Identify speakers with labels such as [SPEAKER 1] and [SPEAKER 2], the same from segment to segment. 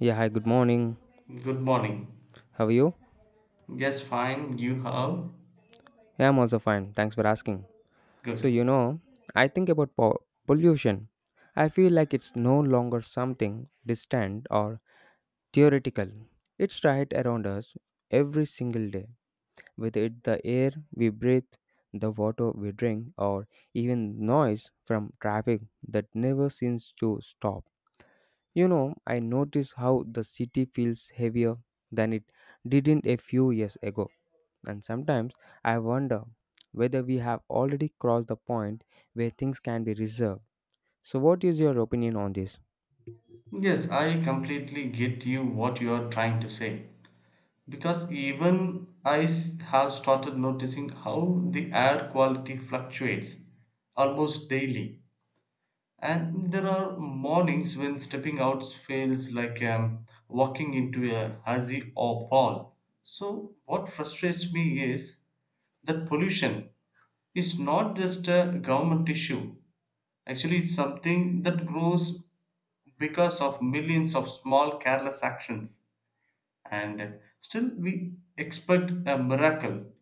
[SPEAKER 1] Yeah, hi, good morning.
[SPEAKER 2] Good morning.
[SPEAKER 1] How are you?
[SPEAKER 2] Yes, fine. You how?
[SPEAKER 1] Yeah, I'm also fine. Thanks for asking. So,
[SPEAKER 2] Good.
[SPEAKER 1] I think about pollution. I feel like it's no longer something distant or theoretical. It's right around us every single day, with it, the air we breathe, the water we drink, or even noise from traffic that never seems to stop. I notice how the city feels heavier than it didn't a few years ago. And sometimes I wonder whether we have already crossed the point where things can be reserved. So, what is your opinion on this?
[SPEAKER 2] Yes, I completely get you what you are trying to say. Because even have started noticing how the air quality fluctuates almost daily. And there are mornings when stepping out feels like walking into a hazy or fall. So, what frustrates me is that pollution is not just a government issue. Actually, it's something that grows because of millions of small careless actions, and still we expect a miracle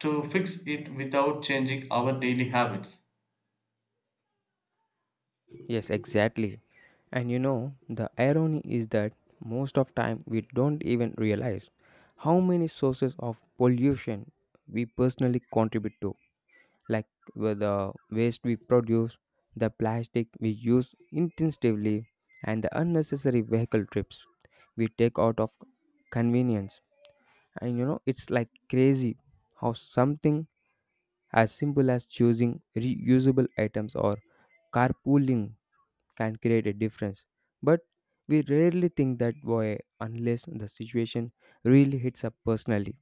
[SPEAKER 2] to fix it without changing our daily habits.
[SPEAKER 1] Yes, exactly. And the irony is that most of time we don't even realize how many sources of pollution we personally contribute to, like with the waste we produce, the plastic we use intensively, and the unnecessary vehicle trips we take out of convenience. And it's like crazy how something as simple as choosing reusable items or carpooling can create a difference. But we rarely think that way unless the situation really hits up personally.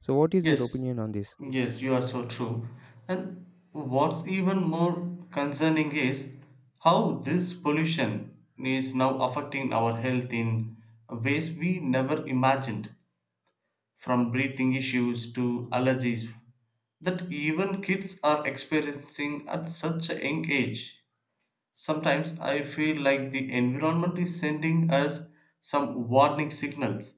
[SPEAKER 1] So, what is your
[SPEAKER 2] Yes,
[SPEAKER 1] opinion on this?
[SPEAKER 2] yes, you are so true. And what's even more concerning is how this pollution is now affecting our health in ways we never imagined. From breathing issues to allergies that even kids are experiencing at such a young age. Sometimes I feel like the environment is sending us some warning signals,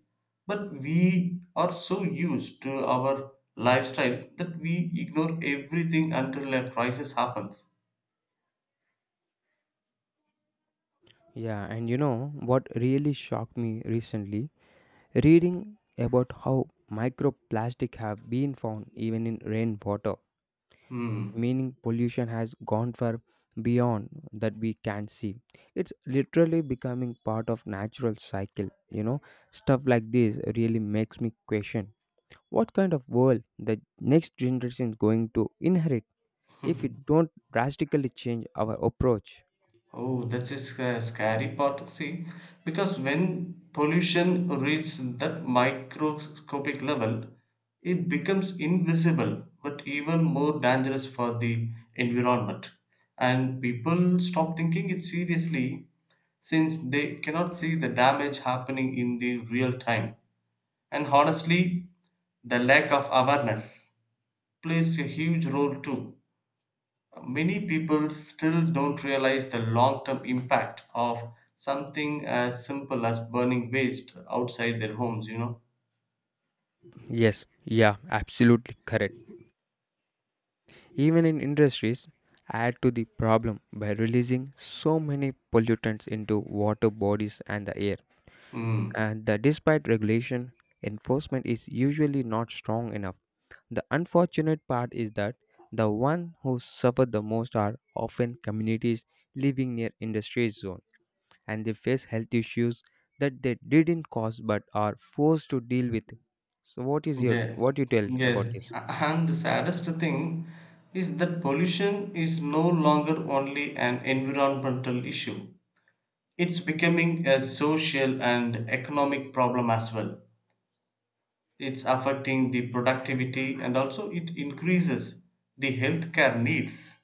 [SPEAKER 2] but we are so used to our lifestyle that we ignore everything until a crisis happens.
[SPEAKER 1] Yeah, and what really shocked me recently? Reading about how microplastic have been found even in rainwater,
[SPEAKER 2] Hmm.
[SPEAKER 1] meaning pollution has gone far beyond that we can see. It's literally becoming part of natural cycle. Stuff like this really makes me question what kind of world the next generation is going to inherit if we don't drastically change our approach.
[SPEAKER 2] Oh, that's a scary part. See, because when pollution reaches that microscopic level, it becomes invisible, but even more dangerous for the environment. And people stop thinking it seriously since they cannot see the damage happening in the real time. And honestly, the lack of awareness plays a huge role too. Many people still don't realize the long term impact of something as simple as burning waste outside their homes, you know.
[SPEAKER 1] Yes, yeah, absolutely correct. Even in industries add to the problem by releasing so many pollutants into water bodies and the air.
[SPEAKER 2] Mm.
[SPEAKER 1] And that despite regulation, enforcement is usually not strong enough. The unfortunate part is that the ones who suffer the most are often communities living near industry zone and they face health issues that they didn't cause but are forced to deal with. So,
[SPEAKER 2] Yeah.
[SPEAKER 1] what you tell
[SPEAKER 2] Yes.
[SPEAKER 1] about this?
[SPEAKER 2] And the saddest thing is that pollution is no longer only an environmental issue. It's becoming a social and economic problem as well. It's affecting the productivity and also it increases the healthcare needs,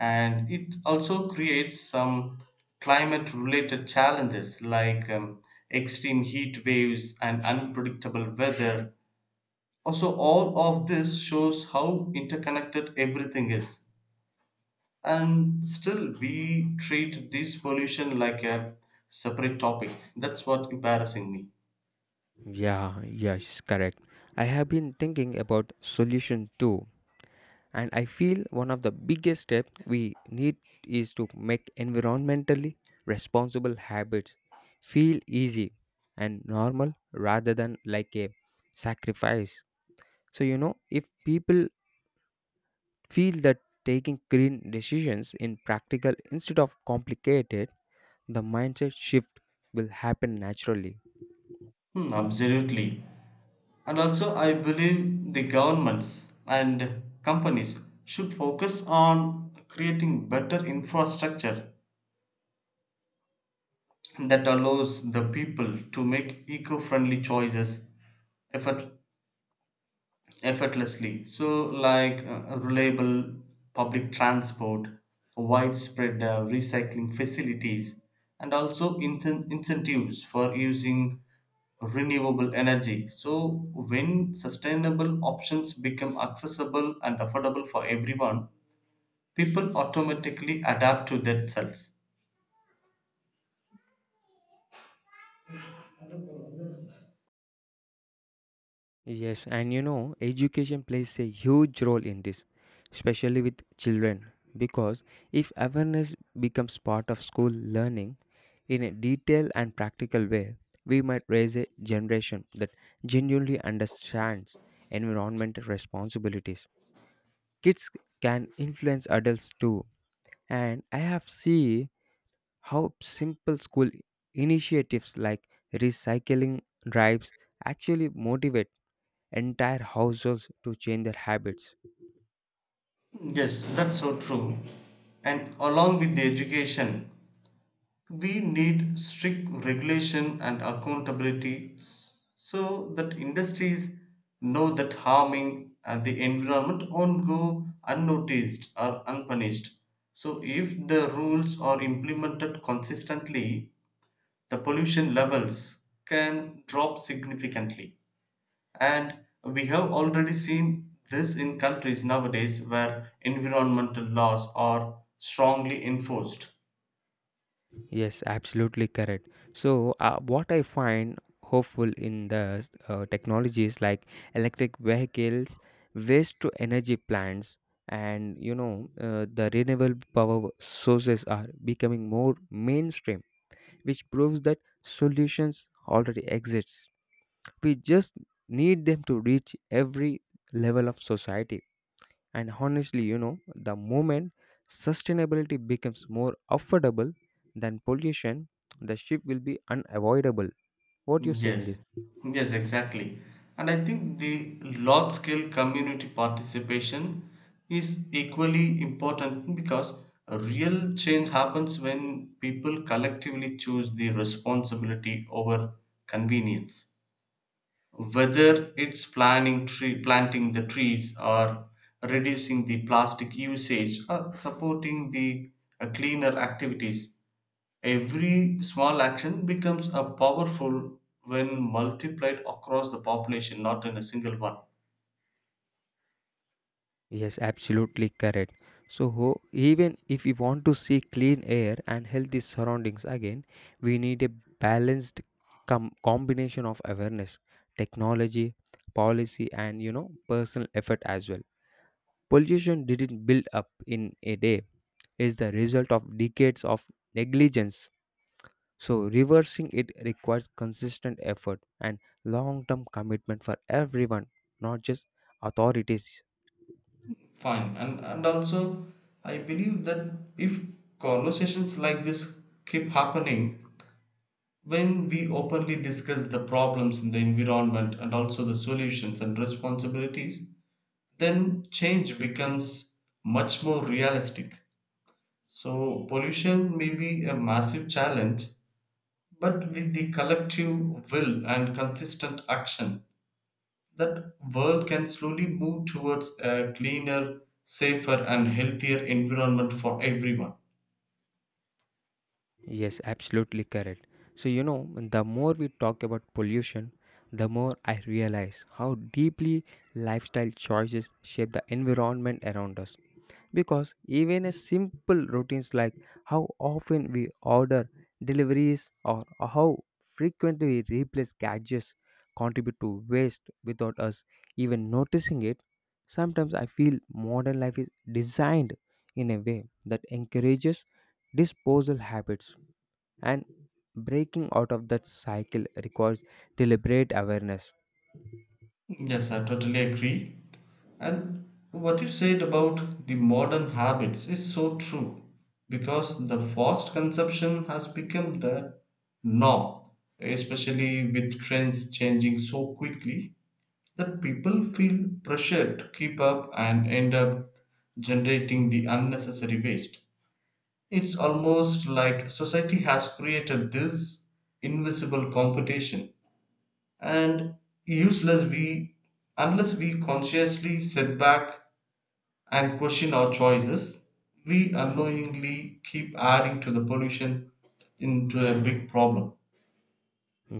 [SPEAKER 2] and it also creates some climate related challenges like extreme heat waves and unpredictable weather. Also, all of this shows how interconnected everything is, and still we treat this pollution like a separate topic. That's what embarrassing me.
[SPEAKER 1] Yeah, yes, correct. I have been thinking about solution too and I feel one of the biggest steps we need is to make environmentally responsible habits feel easy and normal rather than like a sacrifice. So if people feel that taking green decisions in practical instead of complicated, the mindset shift will happen naturally.
[SPEAKER 2] Hmm, absolutely. And also, I believe the governments and companies should focus on creating better infrastructure that allows the people to make eco-friendly choices effort, effortlessly, so like reliable public transport, widespread recycling facilities, and also incentives for using renewable energy. So when sustainable options become accessible and affordable for everyone, people automatically adapt to themselves.
[SPEAKER 1] Yes, and education plays a huge role in this, especially with children, because if awareness becomes part of school learning in a detailed and practical way, we might raise a generation that genuinely understands environmental responsibilities. Kids can influence adults too, and I have seen how simple school initiatives like recycling drives actually motivate entire households to change their habits.
[SPEAKER 2] Yes, that's so true. And along with the education, we need strict regulation and accountability, so that industries know that harming the environment won't go unnoticed or unpunished. So, if the rules are implemented consistently, the pollution levels can drop significantly. And we have already seen this in countries nowadays where environmental laws are strongly enforced.
[SPEAKER 1] Yes, absolutely correct. So, what I find hopeful in the technologies like electric vehicles, waste to energy plants, and the renewable power sources are becoming more mainstream, which proves that solutions already exist. We just need them to reach every level of society. And honestly, the moment sustainability becomes more affordable than pollution, the shift will be unavoidable. What do you say in this?
[SPEAKER 2] Yes. Yes, exactly. And I think the large scale community participation is equally important, because a real change happens when people collectively choose the responsibility over convenience. Whether it's planning tree, planting the trees, or reducing the plastic usage, or supporting the cleaner activities, every small action becomes a powerful when multiplied across the population, not in a single one.
[SPEAKER 1] Yes, absolutely correct. So, even if we want to see clean air and healthy surroundings again, we need a balanced combination of awareness, technology, policy, and personal effort as well. Pollution didn't build up in a day, it's the result of decades of negligence. So, reversing it requires consistent effort and long term commitment for everyone, not just authorities.
[SPEAKER 2] Fine. And also I believe that if conversations like this keep happening, when we openly discuss the problems in the environment and also the solutions and responsibilities, then change becomes much more realistic. So, pollution may be a massive challenge, but with the collective will and consistent action, that world can slowly move towards a cleaner, safer, and healthier environment for everyone.
[SPEAKER 1] Yes, absolutely correct. So, the more we talk about pollution, the more I realize how deeply lifestyle choices shape the environment around us. Because even a simple routines like how often we order deliveries or how frequently we replace gadgets contribute to waste without us even noticing it. Sometimes I feel modern life is designed in a way that encourages disposal habits, and breaking out of that cycle requires deliberate awareness.
[SPEAKER 2] Yes, I totally agree. And what you said about the modern habits is so true, because the fast consumption has become the norm, especially with trends changing so quickly that people feel pressured to keep up and end up generating the unnecessary waste. It's almost like society has created this invisible competition, and useless we unless we consciously sit back and question our choices, we unknowingly keep adding to the pollution into a big problem.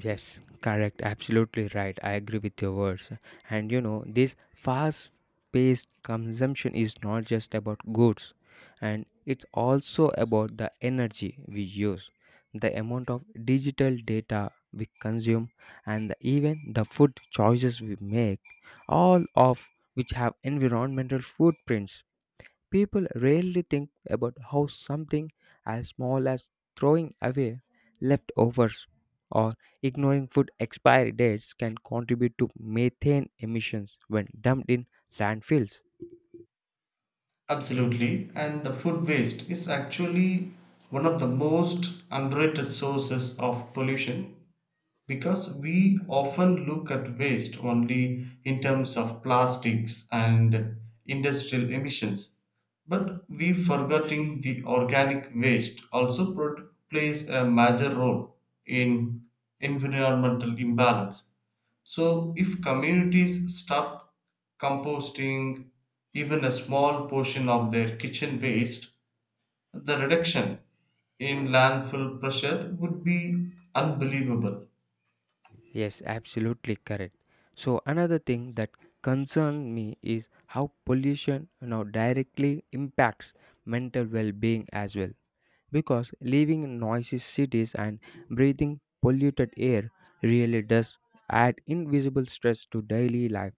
[SPEAKER 1] Yes, correct. Absolutely right. I agree with your words. And this fast paced consumption is not just about goods, and it's also about the energy we use, the amount of digital data we consume, and even the food choices we make, all of which have environmental footprints. People rarely think about how something as small as throwing away leftovers or ignoring food expiry dates can contribute to methane emissions when dumped in landfills.
[SPEAKER 2] Absolutely. And the food waste is actually one of the most underrated sources of pollution. Because we often look at waste only in terms of plastics and industrial emissions, but we forgetting the organic waste also plays a major role in environmental imbalance. So if communities start composting even a small portion of their kitchen waste, the reduction in landfill pressure would be unbelievable.
[SPEAKER 1] Yes, absolutely correct. So, another thing that concerns me is how pollution now directly impacts mental well being as well. Because living in noisy cities and breathing polluted air really does add invisible stress to daily life.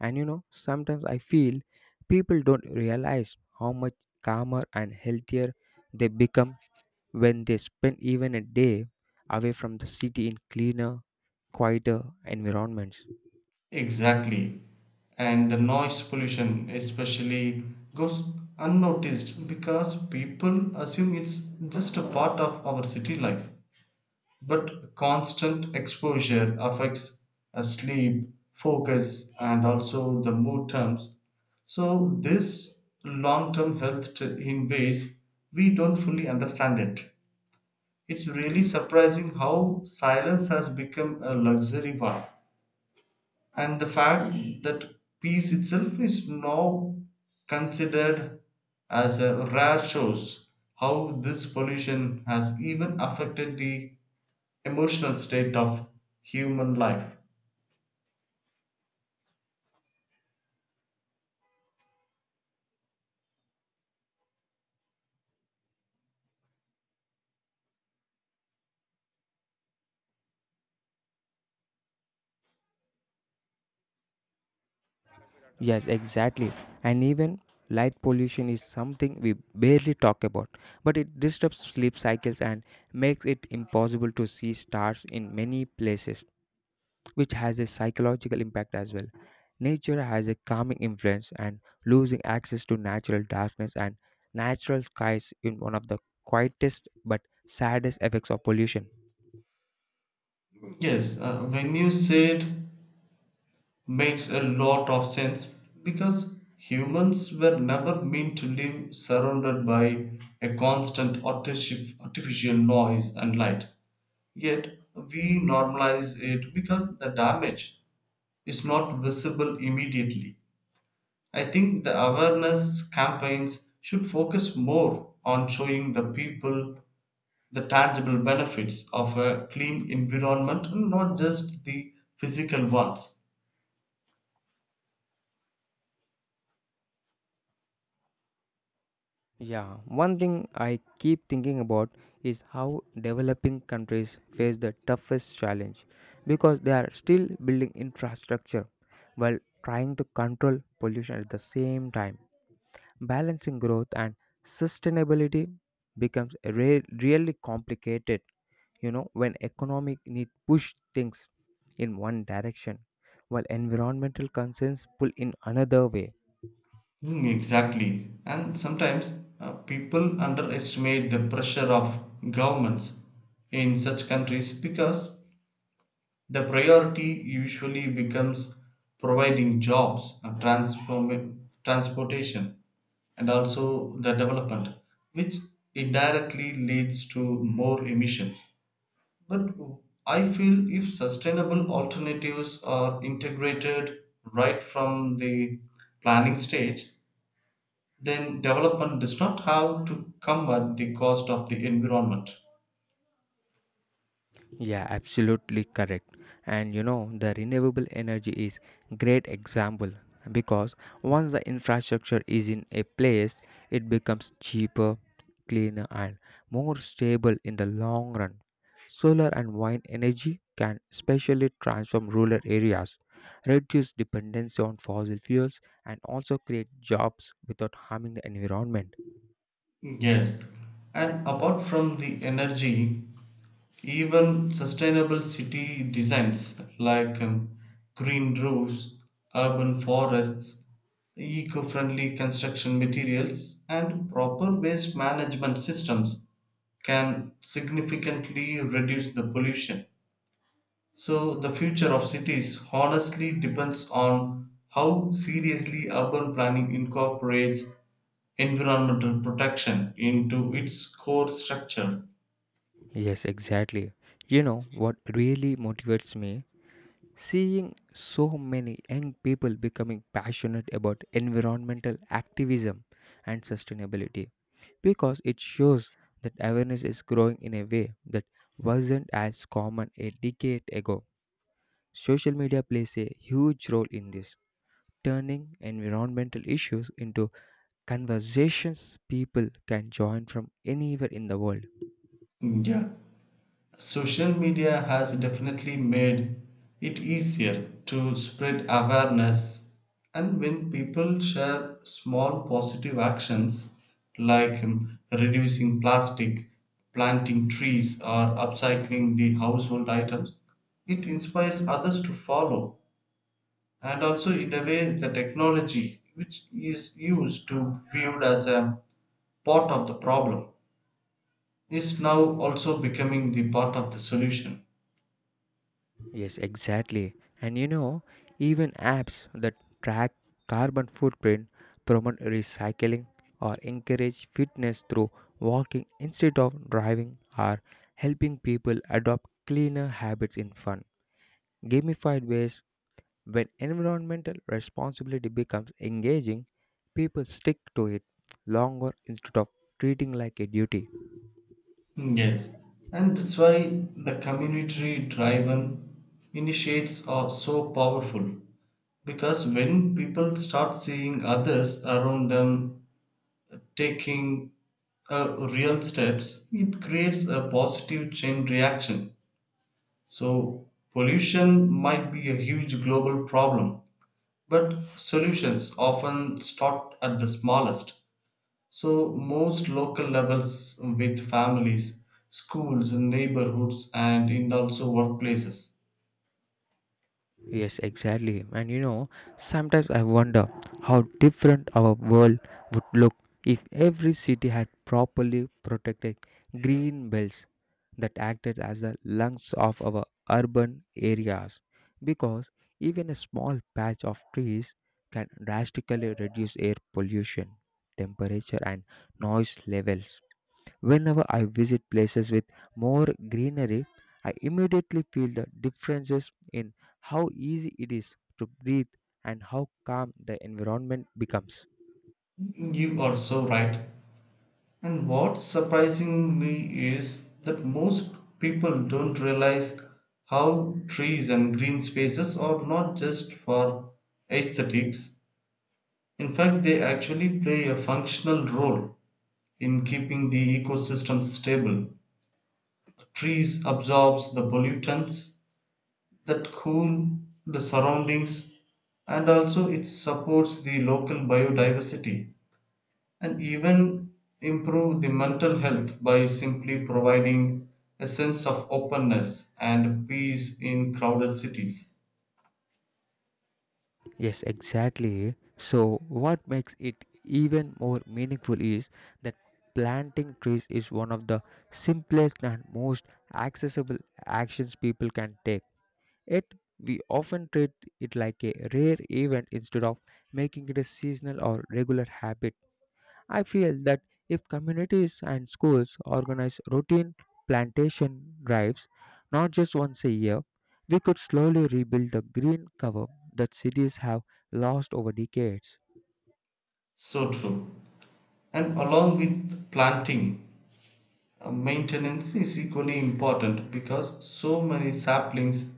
[SPEAKER 1] And sometimes I feel people don't realize how much calmer and healthier they become when they spend even a day away from the city in cleaner, quieter environments.
[SPEAKER 2] Exactly. And the noise pollution, especially, goes unnoticed because people assume it's just a part of our city life. But constant exposure affects sleep, focus, and also the mood terms. So, this long term in ways we don't fully understand it. It's really surprising how silence has become a luxury one. And the fact that peace itself is now considered as a rare shows how this pollution has even affected the emotional state of human life.
[SPEAKER 1] Yes, exactly. And even light pollution is something we barely talk about, but it disrupts sleep cycles and makes it impossible to see stars in many places, which has a psychological impact as well. Nature has a calming influence, and losing access to natural darkness and natural skies is one of the quietest but saddest effects of pollution.
[SPEAKER 2] Yes, when you say it makes a lot of sense, because humans were never meant to live surrounded by a constant artificial noise and light. Yet we normalize it because the damage is not visible immediately. I think the awareness campaigns should focus more on showing the people the tangible benefits of a clean environment and not just the physical ones.
[SPEAKER 1] Yeah, one thing I keep thinking about is how developing countries face the toughest challenge because they are still building infrastructure while trying to control pollution at the same time. Balancing growth and sustainability becomes a really complicated, when economic need push things in one direction while environmental concerns pull in another way.
[SPEAKER 2] Hmm, exactly. And sometimes people underestimate the pressure of governments in such countries, because the priority usually becomes providing jobs and transportation and also the development, which indirectly leads to more emissions. But I feel if sustainable alternatives are integrated right from the planning stage, then development does not have to come at the cost of the environment.
[SPEAKER 1] Yeah, absolutely correct. And the renewable energy is great example because once the infrastructure is in a place, it becomes cheaper, cleaner and more stable in the long run. Solar and wind energy can especially transform rural areas, reduce dependency on fossil fuels and also create jobs without harming the environment.
[SPEAKER 2] Yes, and apart from the energy, even sustainable city designs like green roofs, urban forests, eco friendly construction materials, and proper waste management systems can significantly reduce the pollution. So, the future of cities honestly depends on how seriously urban planning incorporates environmental protection into its core structure.
[SPEAKER 1] Yes, exactly. You know what really motivates me? Seeing so many young people becoming passionate about environmental activism and sustainability, because it shows that awareness is growing in a way that wasn't as common a decade ago. Social media plays a huge role in this, turning environmental issues into conversations people can join from anywhere in the world.
[SPEAKER 2] Yeah. Social media has definitely made it easier to spread awareness, and when people share small positive actions like reducing plastic, planting trees, or upcycling the household items, it inspires others to follow. And also, in a way, the technology, which is used to viewed as a part of the problem, is now also becoming the part of the solution.
[SPEAKER 1] Yes, exactly. And even apps that track carbon footprint, promote recycling or encourage fitness through walking instead of driving are helping people adopt cleaner habits in fun, gamified ways. When environmental responsibility becomes engaging, people stick to it longer instead of treating like a duty.
[SPEAKER 2] Yes, and that's why the community driven initiates are so powerful, because when people start seeing others around them taking real steps, it creates a positive chain reaction. So, pollution might be a huge global problem, but solutions often start at the smallest. So, most local levels with families, schools, neighborhoods, and in also workplaces.
[SPEAKER 1] Yes, exactly. And sometimes I wonder how different our world would look if every city had properly protected green belts that acted as the lungs of our urban areas. Because even a small patch of trees can drastically reduce air pollution, temperature, and noise levels. Whenever I visit places with more greenery, I immediately feel the differences in how easy it is to breathe and how calm the environment becomes.
[SPEAKER 2] You are so right. And what's surprising me is that most people don't realize how trees and green spaces are not just for aesthetics. In fact, they actually play a functional role in keeping the ecosystem stable. Trees absorbs the pollutants, that cool the surroundings, and also it supports the local biodiversity, and even improve the mental health by simply providing a sense of openness and peace in crowded cities.
[SPEAKER 1] Yes, exactly. So, what makes it even more meaningful is that planting trees is one of the simplest and most accessible actions people can take. Yet, we often treat it like a rare event instead of making it a seasonal or regular habit. I feel that if communities and schools organize routine plantation drives, not just once a year, we could slowly rebuild the green cover that cities have lost over decades.
[SPEAKER 2] So true. And along with planting, maintenance is equally important because so many saplings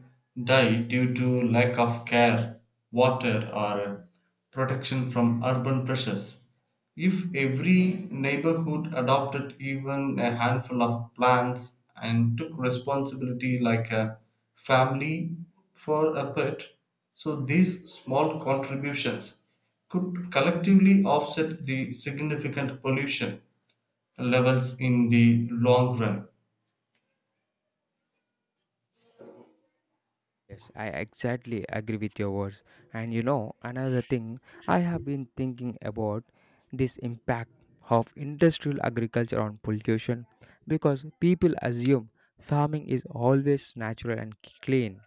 [SPEAKER 2] die due to lack of care, water, or protection from urban pressures. If every neighborhood adopted even a handful of plants and took responsibility like a family for a pet, so these small contributions could collectively offset the significant pollution levels in the long run.
[SPEAKER 1] Yes, I exactly agree with your words. And another thing I have been thinking about this impact of industrial agriculture on pollution, because people assume farming is always natural and clean.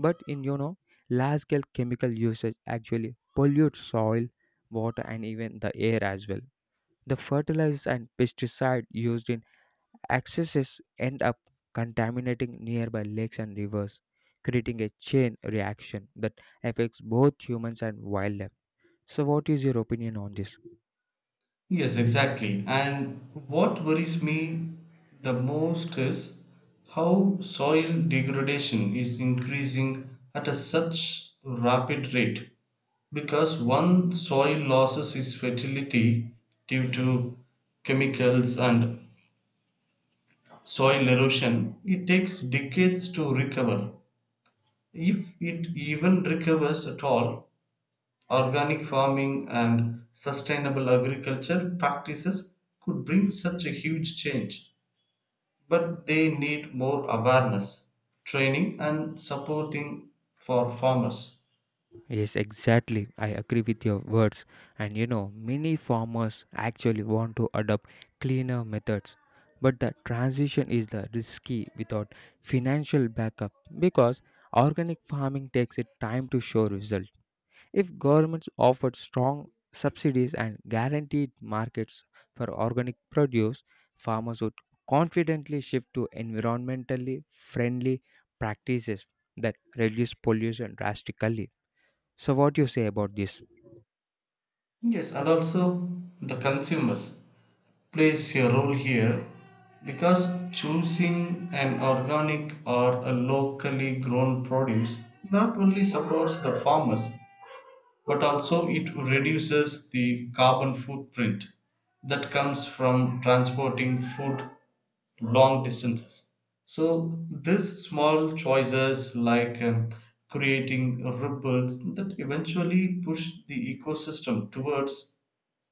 [SPEAKER 1] But in large scale chemical usage actually pollutes soil, water and even the air as well. The fertilizers and pesticide used in excesses end up contaminating nearby lakes and rivers, creating a chain reaction that affects both humans and wildlife. So, what is your opinion on this?
[SPEAKER 2] Yes, exactly. And what worries me the most is how soil degradation is increasing at a such rapid rate, because one soil loses its fertility due to chemicals and soil erosion. It takes decades to recover if it even recovers at all. Organic farming and sustainable agriculture practices could bring such a huge change, but they need more awareness, training, and supporting for farmers.
[SPEAKER 1] Yes, exactly. I agree with your words. And many farmers actually want to adopt cleaner methods. But the transition is the risky without financial backup because organic farming takes it time to show results. If governments offered strong subsidies and guaranteed markets for organic produce, farmers would confidently shift to environmentally friendly practices that reduce pollution drastically. So, what do you say about this?
[SPEAKER 2] Yes, and also the consumers plays a role here, because choosing an organic or a locally grown produce not only supports the farmers but also it reduces the carbon footprint that comes from transporting food long distances. So, these small choices, like creating ripples that eventually push the ecosystem towards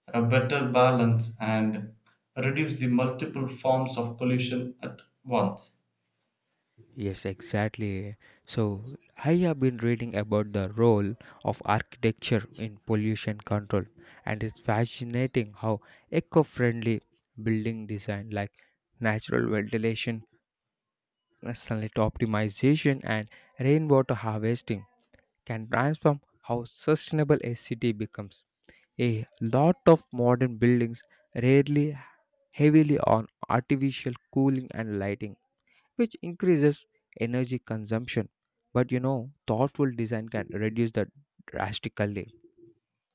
[SPEAKER 2] a better balance and reduce the multiple forms of pollution at once.
[SPEAKER 1] Yes, exactly. So, I have been reading about the role of architecture in pollution control, and it's fascinating how eco friendly building design like natural ventilation, sunlight optimization and rainwater harvesting can transform how sustainable a city becomes. A lot of modern buildings rarely heavily on artificial cooling and lighting, which increases energy consumption. But thoughtful design can reduce that drastically.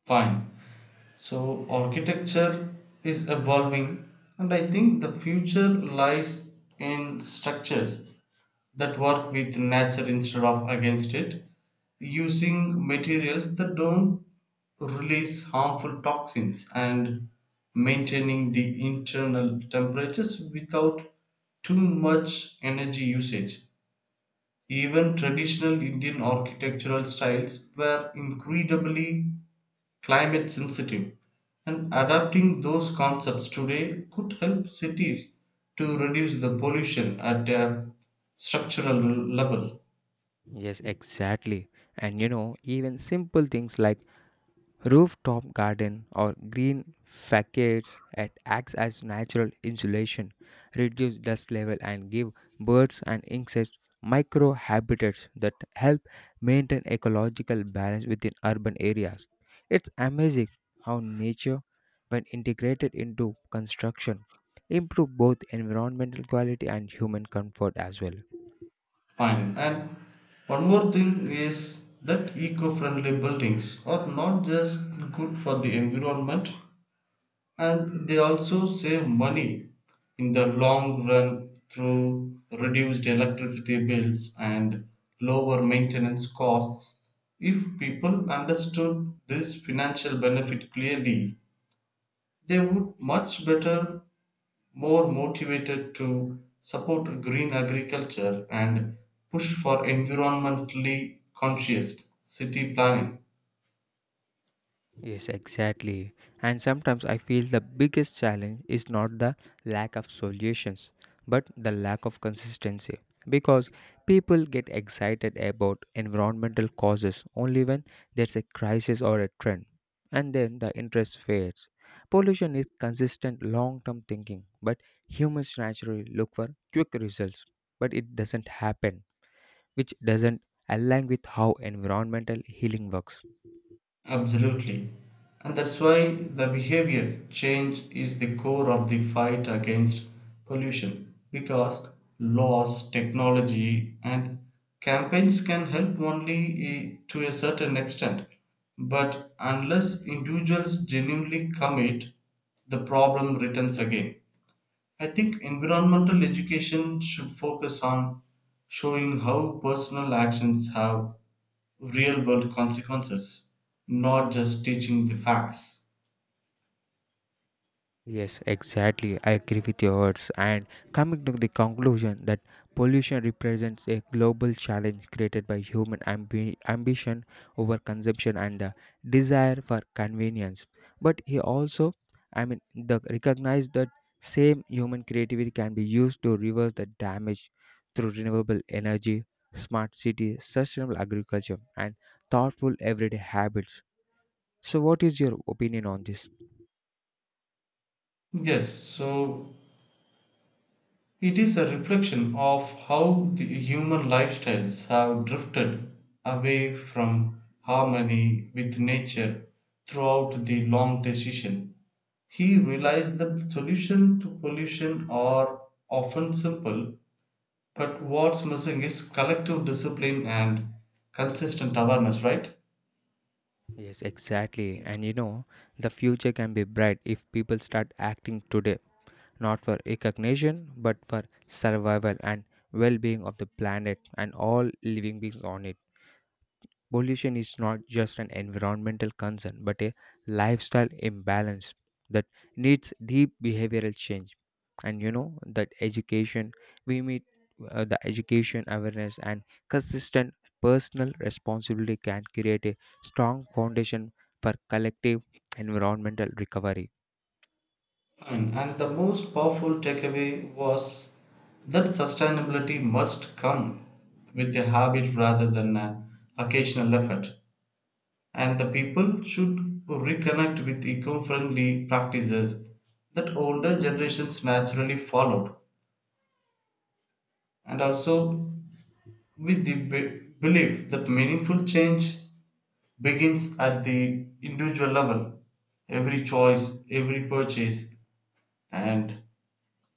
[SPEAKER 2] Fine. So architecture is evolving, and I think the future lies in structures that work with nature instead of against it, using materials that don't release harmful toxins and maintaining the internal temperatures without too much energy usage. Even traditional Indian architectural styles were incredibly climate sensitive, and adapting those concepts today could help cities to reduce the pollution at their structural level.
[SPEAKER 1] Yes, exactly. And even simple things like rooftop garden or green facades acts as natural insulation, reduce dust level and give birds and insects micro habitats that help maintain ecological balance within urban areas. It's amazing how nature, when integrated into construction, improve both environmental quality and human comfort as well.
[SPEAKER 2] Fine. And one more thing is that eco friendly buildings are not just good for the environment, and they also save money in the long run through reduced electricity bills and lower maintenance costs. If people understood this financial benefit clearly, they would much better, more motivated to support green agriculture and push for environmentally conscious city planning.
[SPEAKER 1] Yes, exactly. And sometimes I feel the biggest challenge is not the lack of solutions, but the lack of consistency. Because people get excited about environmental causes only when there's a crisis or a trend, and then the interest fades. Pollution is consistent long term thinking, but humans naturally look for quick results, but it doesn't happen, which doesn't align with how environmental healing works.
[SPEAKER 2] Absolutely. And that's why the behavior change is the core of the fight against pollution, because laws, technology, and campaigns can help only to a certain extent. But unless individuals genuinely commit, the problem returns again. I think environmental education should focus on showing how personal actions have real world consequences, not just teaching the facts.
[SPEAKER 1] Yes, exactly. I agree with your words. And coming to the conclusion that pollution represents a global challenge created by human ambition over consumption and the desire for convenience. But he also, I mean, recognize that same human creativity can be used to reverse the damage through renewable energy, smart cities, sustainable agriculture, and thoughtful everyday habits. So, what is your opinion on this?
[SPEAKER 2] Yes, so it is a reflection of how the human lifestyles have drifted away from harmony with nature throughout the long decision. He realized that solution to pollution are often simple, but what's missing is collective discipline and consistent awareness, right?
[SPEAKER 1] Yes, exactly.
[SPEAKER 2] Yes.
[SPEAKER 1] And the future can be bright if people start acting today, not for recognition, but for survival and well being of the planet and all living beings on it. Pollution is not just an environmental concern but a lifestyle imbalance that needs deep behavioral change. And you know that education we meet the education awareness and consistent personal responsibility can create a strong foundation for collective environmental recovery.
[SPEAKER 2] And the most powerful takeaway was that sustainability must come with a habit rather than an occasional effort. And the people should reconnect with eco friendly practices that older generations naturally followed. And also with the belief that meaningful change begins at the individual level. Every choice, every purchase, and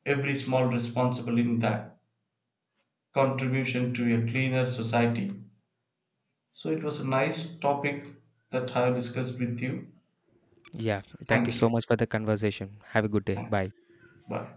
[SPEAKER 2] every small responsible in that contribution to a cleaner society. So it was a nice topic that I have discussed with you.
[SPEAKER 1] Yeah, thank you
[SPEAKER 2] Thank
[SPEAKER 1] so
[SPEAKER 2] you.
[SPEAKER 1] much for the conversation. Have a good day.
[SPEAKER 2] Thank you.
[SPEAKER 1] Bye.
[SPEAKER 2] Bye.